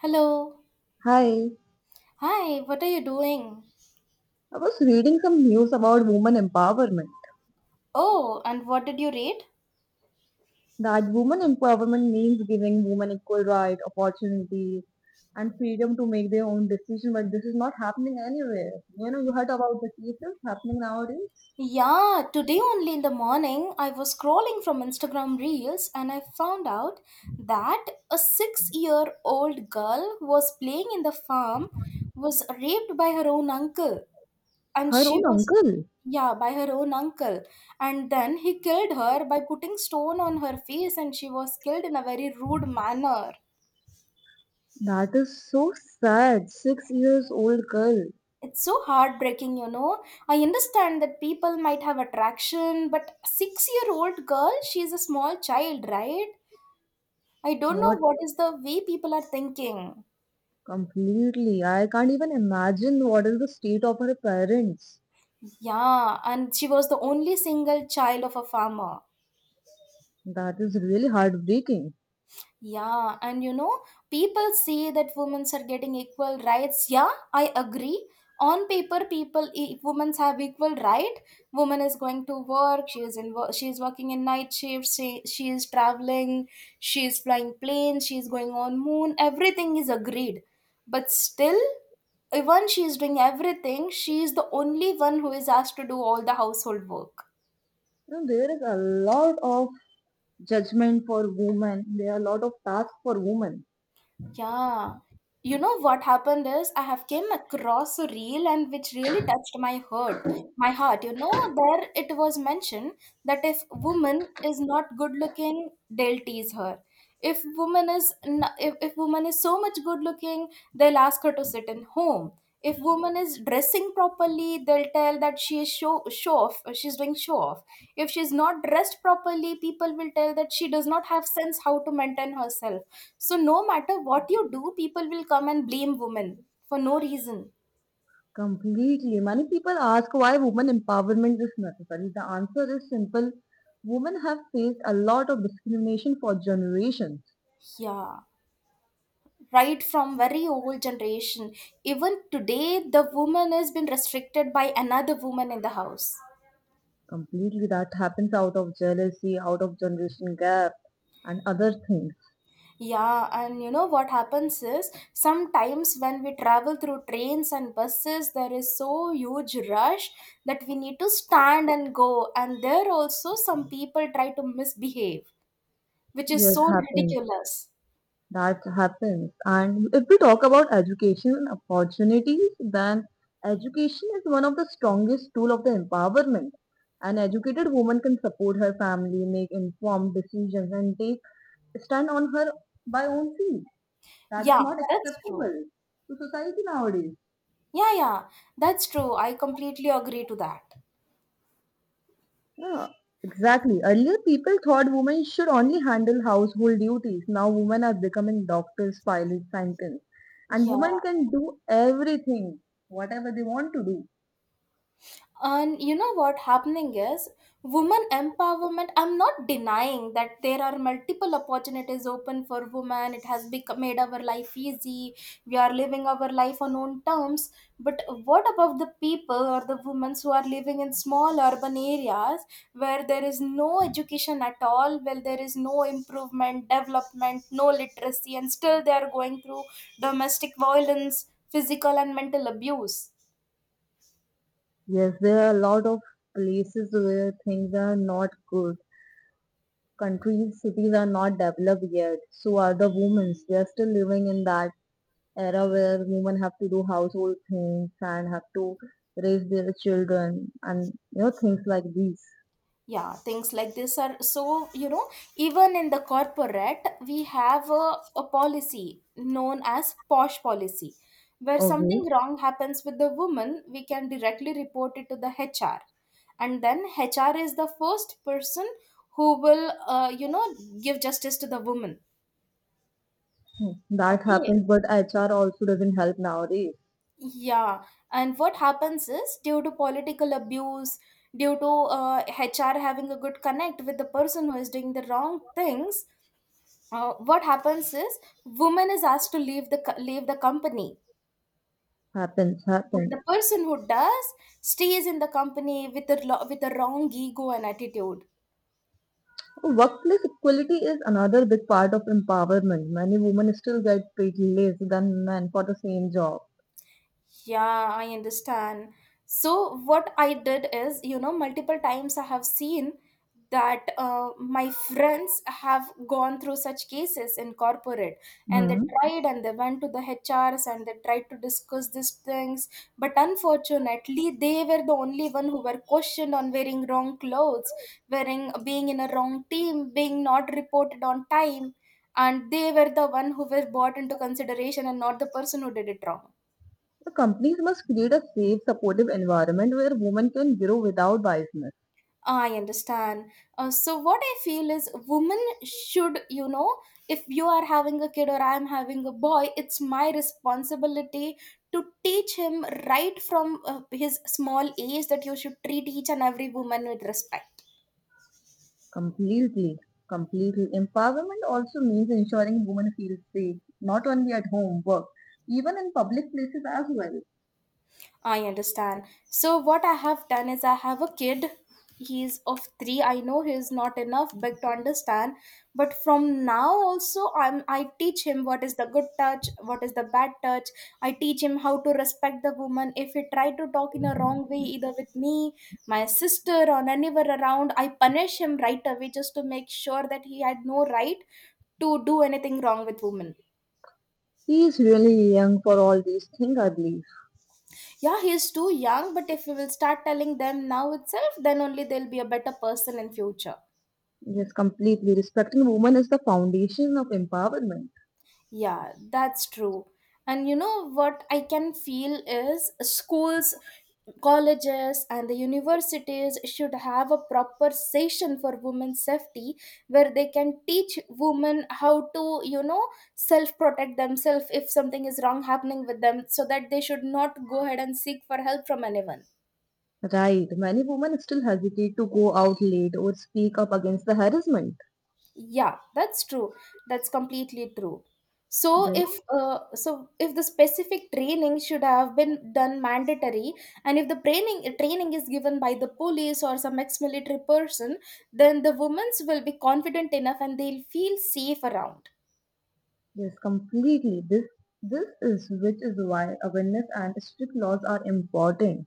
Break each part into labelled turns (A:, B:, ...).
A: Hello.
B: Hi,
A: Hi, what are you doing?
B: I was reading some news about women empowerment.
A: Oh, and what did you read?
B: That women empowerment means giving women equal right, opportunities, and freedom to make their own decision. But this is not happening anywhere. You know, you heard about the cases happening nowadays.
A: Yeah, today only in the morning I was scrolling from Instagram Reels and I found out that a 6-year-old girl was playing in the farm was raped by her own uncle and
B: Her
A: she
B: own
A: was
B: uncle.
A: yeah, by her own uncle. And then he killed her by putting stone on her face and she was killed in a very rude manner.
B: That is so sad. 6 years old girl.
A: It's so heartbreaking, you know. I understand that people might have attraction, but 6 year old girl, she's a small child, right? I don't know
B: What
A: what is the way people are thinking.
B: completely? I can't even imagine what is the state of her parents.
A: Yeah, and she was the only single child of a farmer.
B: That is really heartbreaking.
A: Yeah, and you know, people say that women are getting equal rights. Yeah, I agree. On paper, women have equal right. Woman is going to work. She is in. She is working in night shifts. She is traveling. She is flying planes. She is going on moon. Everything is agreed, but still, even she is doing everything. She is the only one who is asked to do all the household work.
B: You know, there is a lot of judgment for women. There are a lot of tasks for women.
A: Yeah. You know what happened is I have came across a reel and which really touched my heart. My heart, you know, there it was mentioned that if woman is not good looking, they'll tease her. If woman is so much good looking, they'll ask her to sit in home. If woman is dressing properly, they'll tell that she is show show off she's doing show off. If she's not dressed properly, people will tell that she does not have sense how to maintain herself. So no matter what you do, people will come and blame women for no reason.
B: Completely. Many people ask why women empowerment is necessary. The answer is simple. Women have faced a lot of discrimination for generations.
A: Yeah, right from very old generation, even today the woman has been restricted by another woman in the house.
B: Completely, that happens out of jealousy, out of generation gap, and other things.
A: Yeah, and you know what happens is sometimes when we travel through trains and buses, there is so huge rush that we need to stand and go. And there also some people try to misbehave, which is
B: Yes,
A: so
B: happens.
A: ridiculous.
B: That happens. And if we talk about education and opportunities, then education is one of the strongest tool of the empowerment. An educated woman can support her family, make informed decisions, and take stand on her by own feet. That is
A: Yeah,
B: not
A: that's true.
B: acceptable to society nowadays.
A: Yeah, yeah, that's true. I completely agree to that.
B: Yeah, exactly. Earlier, people thought women should only handle household duties. Now, women are becoming doctors, pilots, scientists. And women
A: Yeah.
B: can do everything, whatever they want to do.
A: And you know what happening is women empowerment. I'm not denying that there are multiple opportunities open for women. It has become made our life easy. We are living our life on own terms. But what about the people or the women who are living in small urban areas where there is no education at all, where there is no improvement, development, no literacy, and still they are going through domestic violence, physical and mental abuse?
B: Yes, there are a lot of places where things are not good. Countries, cities are not developed yet. So are the women. They are still living in that era where women have to do household things and have to raise their children and you know things like these.
A: Yeah, things like this are so, you know, even in the corporate we have a policy known as posh policy. Where something
B: Okay.
A: wrong happens with the woman, we can directly report it to the HR, and then HR is the first person who will, you know, give justice to the woman.
B: That
A: Okay.
B: happens, but HR also doesn't help nowadays.
A: Yeah, and what happens is due to political abuse, due to HR having a good connect with the person who is doing the wrong things, what happens is woman is asked to leave the company,
B: Happens,
A: but the
B: happens.
A: person who does stays in the company with a with a wrong ego and attitude.
B: Workplace equality is another big part of empowerment. Many women still get paid less than men for the same job.
A: Yeah, I understand. So what I did is, you know, multiple times I have seen that my friends have gone through such cases in corporate, and they
B: Hmm.
A: tried and they went to the HRs and they tried to discuss these things. But unfortunately, they were the only one who were questioned on wearing wrong clothes, wearing being in a wrong team, being not reported on time. And they were the one who were brought into consideration and not the person who did it wrong.
B: The companies must create a safe, supportive environment where women can grow without biasness.
A: I understand. So what I feel is women should, you know, if you are having a kid or I'm having a boy, it's my responsibility to teach him right from his small age that you should treat each and every woman with respect.
B: Completely, completely. Empowerment also means ensuring women feel safe, not only at home, work, even in public places as well.
A: I understand. So what I have done is I have a kid. He's of three. I know he is not enough big to understand, but from now also I teach him what is the good touch, what is the bad touch. I teach him how to respect the woman. If he try to talk in a wrong way, either with me, my sister, or anywhere around, I punish him right away just to make sure that he had no right to do anything wrong with women.
B: He is really young for all these things, I believe.
A: Yeah, he is too young, but if we will start telling them now itself, then only they'll be a better person in future.
B: Yes, completely. Respecting women is the foundation of empowerment.
A: Yeah, that's true. And you know what I can feel is schools, colleges, and the universities should have a proper session for women's safety where they can teach women how to, you know, self protect themselves if something is wrong happening with them so that they should not go ahead and seek for help from anyone.
B: Right. Many women still hesitate to go out late or speak up against the harassment.
A: Yeah, that's true. That's completely true. So
B: This,
A: if uh, so if the specific training should have been done mandatory, and if the training is given by the police or some ex-military person, then the women's will be confident enough and they'll feel safe around.
B: yes, completely. This is which is why awareness and strict laws are important.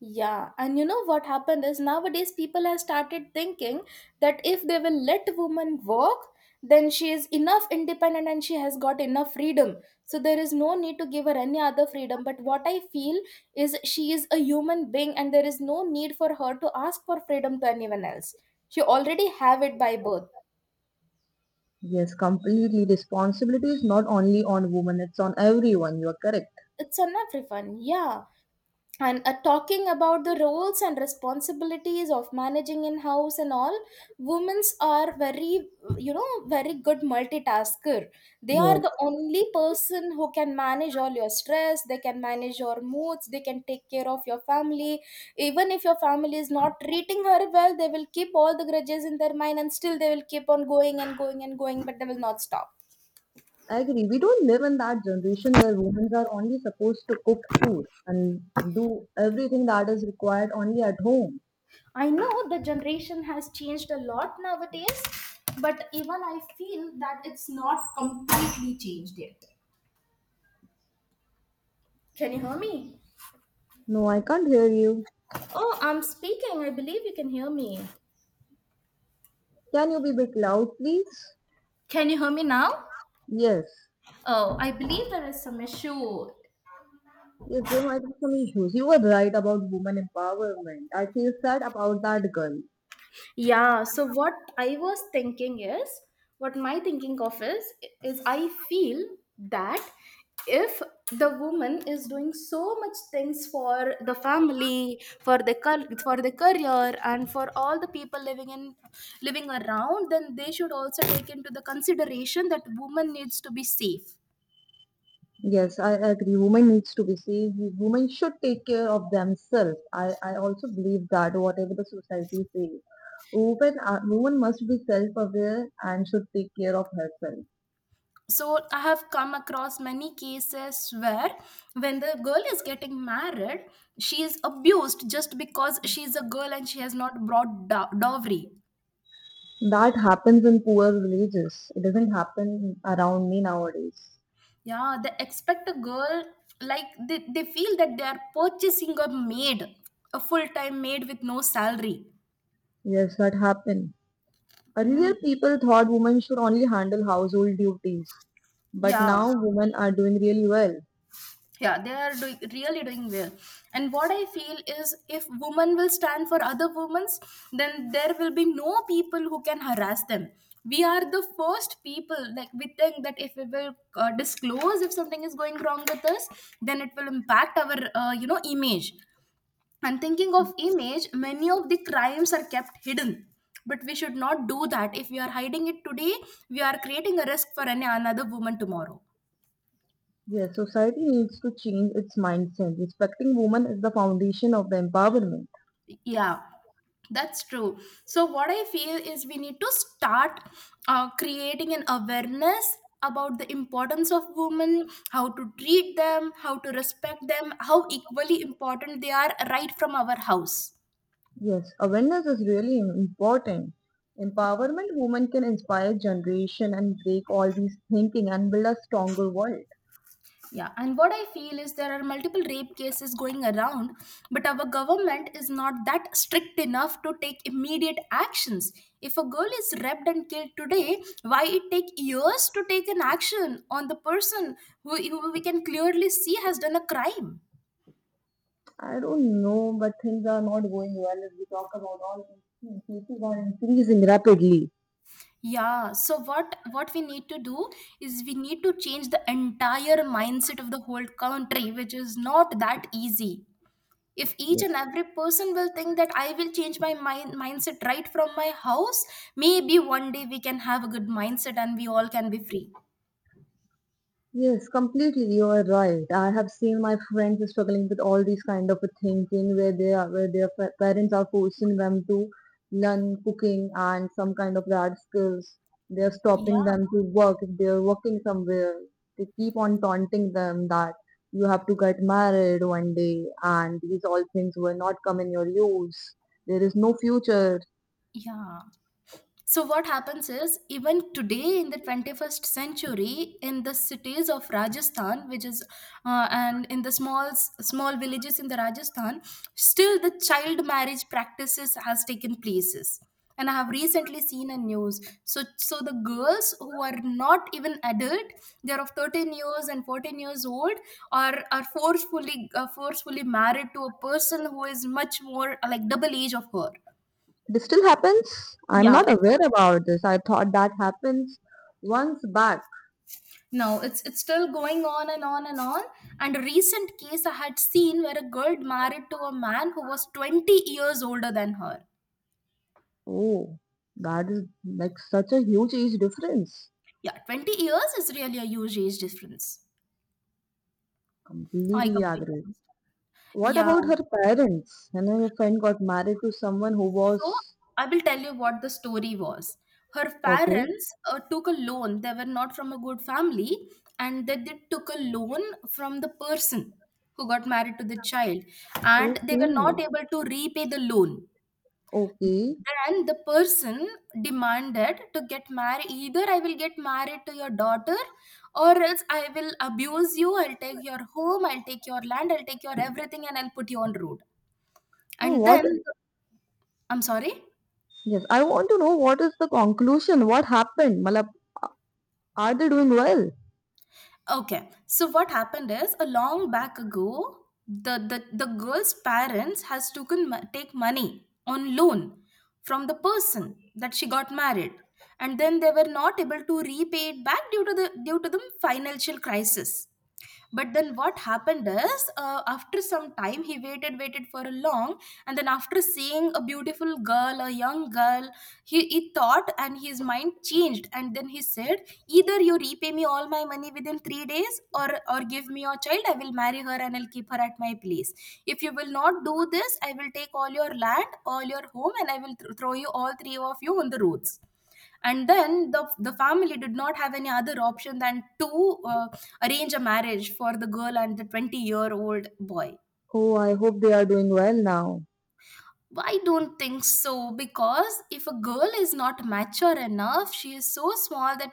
A: Yeah, and you know what happened is nowadays people have started thinking that if they will let woman work, then she is enough independent and she has got enough freedom. So there is no need to give her any other freedom. But what I feel is she is a human being and there is no need for her to ask for freedom to anyone else. She already have it by birth.
B: Yes, completely. Responsibility is not only on women; it's on everyone. You are correct.
A: It's unfair fun. Yeah. And talking about the roles and responsibilities of managing in house and all, women's are very, you know, very good multitasker. They are
B: Yes,
A: the only person who can manage all your stress. They can manage your moods. They can take care of your family. Even if your family is not treating her well, they will keep all the grudges in their mind and still they will keep on going and going and going, but they will not stop.
B: I agree. We don't live in that generation where women are only supposed to cook food and do everything that is required only at home.
A: I know the generation has changed a lot nowadays, but even I feel that it's not completely changed yet. Can you hear me?
B: No, I can't hear you.
A: Oh, I'm speaking. I believe you can hear me.
B: Can you be a bit loud, please?
A: Can you hear me now?
B: Yes.
A: Oh, I believe there is some issue.
B: Yes, there might be some issues. You were right about women empowerment. I feel sad about that girl.
A: Yeah, so what I was thinking is, what my thinking of is I feel that if the woman is doing so much things for the family, for the for the career, and for all the people living in living around, then they should also take into the consideration that woman needs to be safe.
B: Yes, I agree. Women needs to be saved. Women should take care of themselves. I also believe that whatever the society says. Women, are, women must be self-aware and should take care of herself.
A: So I have come across many cases where when the girl is getting married, she is abused just because she is a girl and she has not brought dowry.
B: That happens in poor villages. It doesn't happen around me nowadays.
A: Yeah, they expect a girl, like they feel that they are purchasing a maid, a full-time maid with no salary.
B: Yes, that happen.
A: Mm,
B: Earlier, people thought women should only handle household duties, but
A: yeah.
B: now women are doing really well.
A: Yeah, they are doing, really doing well. And what I feel is if women will stand for other women, then there will be no people who can harass them. We are the first people, like we think that if we will, disclose if something is going wrong with us, then it will impact our, you know, image. And thinking of image, many of the crimes are kept hidden. But we should not do that. If we are hiding it today, we are creating a risk for any another woman tomorrow.
B: Yes, society needs to change its mindset. Respecting women is the foundation of the empowerment.
A: Yeah, that's true. So, what I feel is we need to start creating an awareness about the importance of women, how to treat them, how to respect them, how equally important they are right from our house.
B: Yes, awareness is really important. Empowerment women can inspire generation and break all these thinking and build a stronger world.
A: Yeah, and what I feel is there are multiple rape cases going around, but our government is not that strict enough to take immediate actions. If a girl is raped and killed today, why it take years to take an action on the person who we can clearly see has done a crime?
B: I don't know, but things are not going well if we talk about all these things. Cases are increasing rapidly.
A: Yeah, so what we need to do is we need to change the entire mindset of the whole country, which is not that easy. If each and
B: Yes.
A: every person will think that I will change my mindset right from my house, maybe one day we can have a good mindset and we all can be free.
B: Yes, completely. You are right. I have seen my friends struggling with all these kind of thinking where they are, where their parents are forcing them to learn cooking and some kind of that skills. They are stopping
A: Yeah.
B: them to work if they are working somewhere. They keep on taunting them that you have to get married one day and these all things will not come in your use. There is no future.
A: Yeah. So what happens is even today in the 21st century in the cities of Rajasthan, which is and in the small small villages in the Rajasthan, still the child marriage practices has taken places. And I have recently seen a news. So the girls who are not even adult, they're of 13 years and 14 years old, are forcefully forcefully married to a person who is much more, like double age of her.
B: This still happens. I'm
A: Yeah,
B: not
A: it's—
B: aware about this. I thought that happens once back.
A: No, it's still going on and on and on. And a recent case I had seen where a girl married to a man who was 20 years older than her.
B: Oh, that is like such a huge age difference.
A: Yeah, 20 years is really a huge age difference. I
B: Completely
A: completely
B: agree.
A: understand.
B: What
A: Yeah.
B: about her parents? You know, your friend got married to someone who
A: So
B: was
A: I will tell you what the story was. Her
B: okay,
A: parents took a loan. They were not from a good family, and that they took a loan from the person who got married to the child, and they
B: okay,
A: were not able to repay the loan.
B: okay.
A: And the person demanded to get married. Either I will get married to your daughter, or else I will abuse you. I'll take your home, I'll take your land, I'll take your everything, and I'll put you on road.
B: So
A: And
B: what?
A: then— I'm sorry.
B: Yes, I want to know what is the conclusion. What happened? Malab, are they doing well?
A: Okay. So what happened is a long back ago, the girl's parents has taken take money on loan from the person that she got married, and then they were not able to repay it back due to the financial crisis. But then what happened is, after some time, he waited, waited for a long, and then after seeing a beautiful girl, a young girl, he thought and his mind changed, and then he said, either you repay me all my money within 3 days, or give me your child. I will marry her and I'll keep her at my place. If you will not do this, I will take all your land, all your home, and I will throw you all three of you on the roads. And then the family did not have any other option than to arrange a marriage for the girl and the 20-year-old boy.
B: Oh, I hope they are doing well now.
A: I don't think so, because if a girl is not mature enough, she is so small that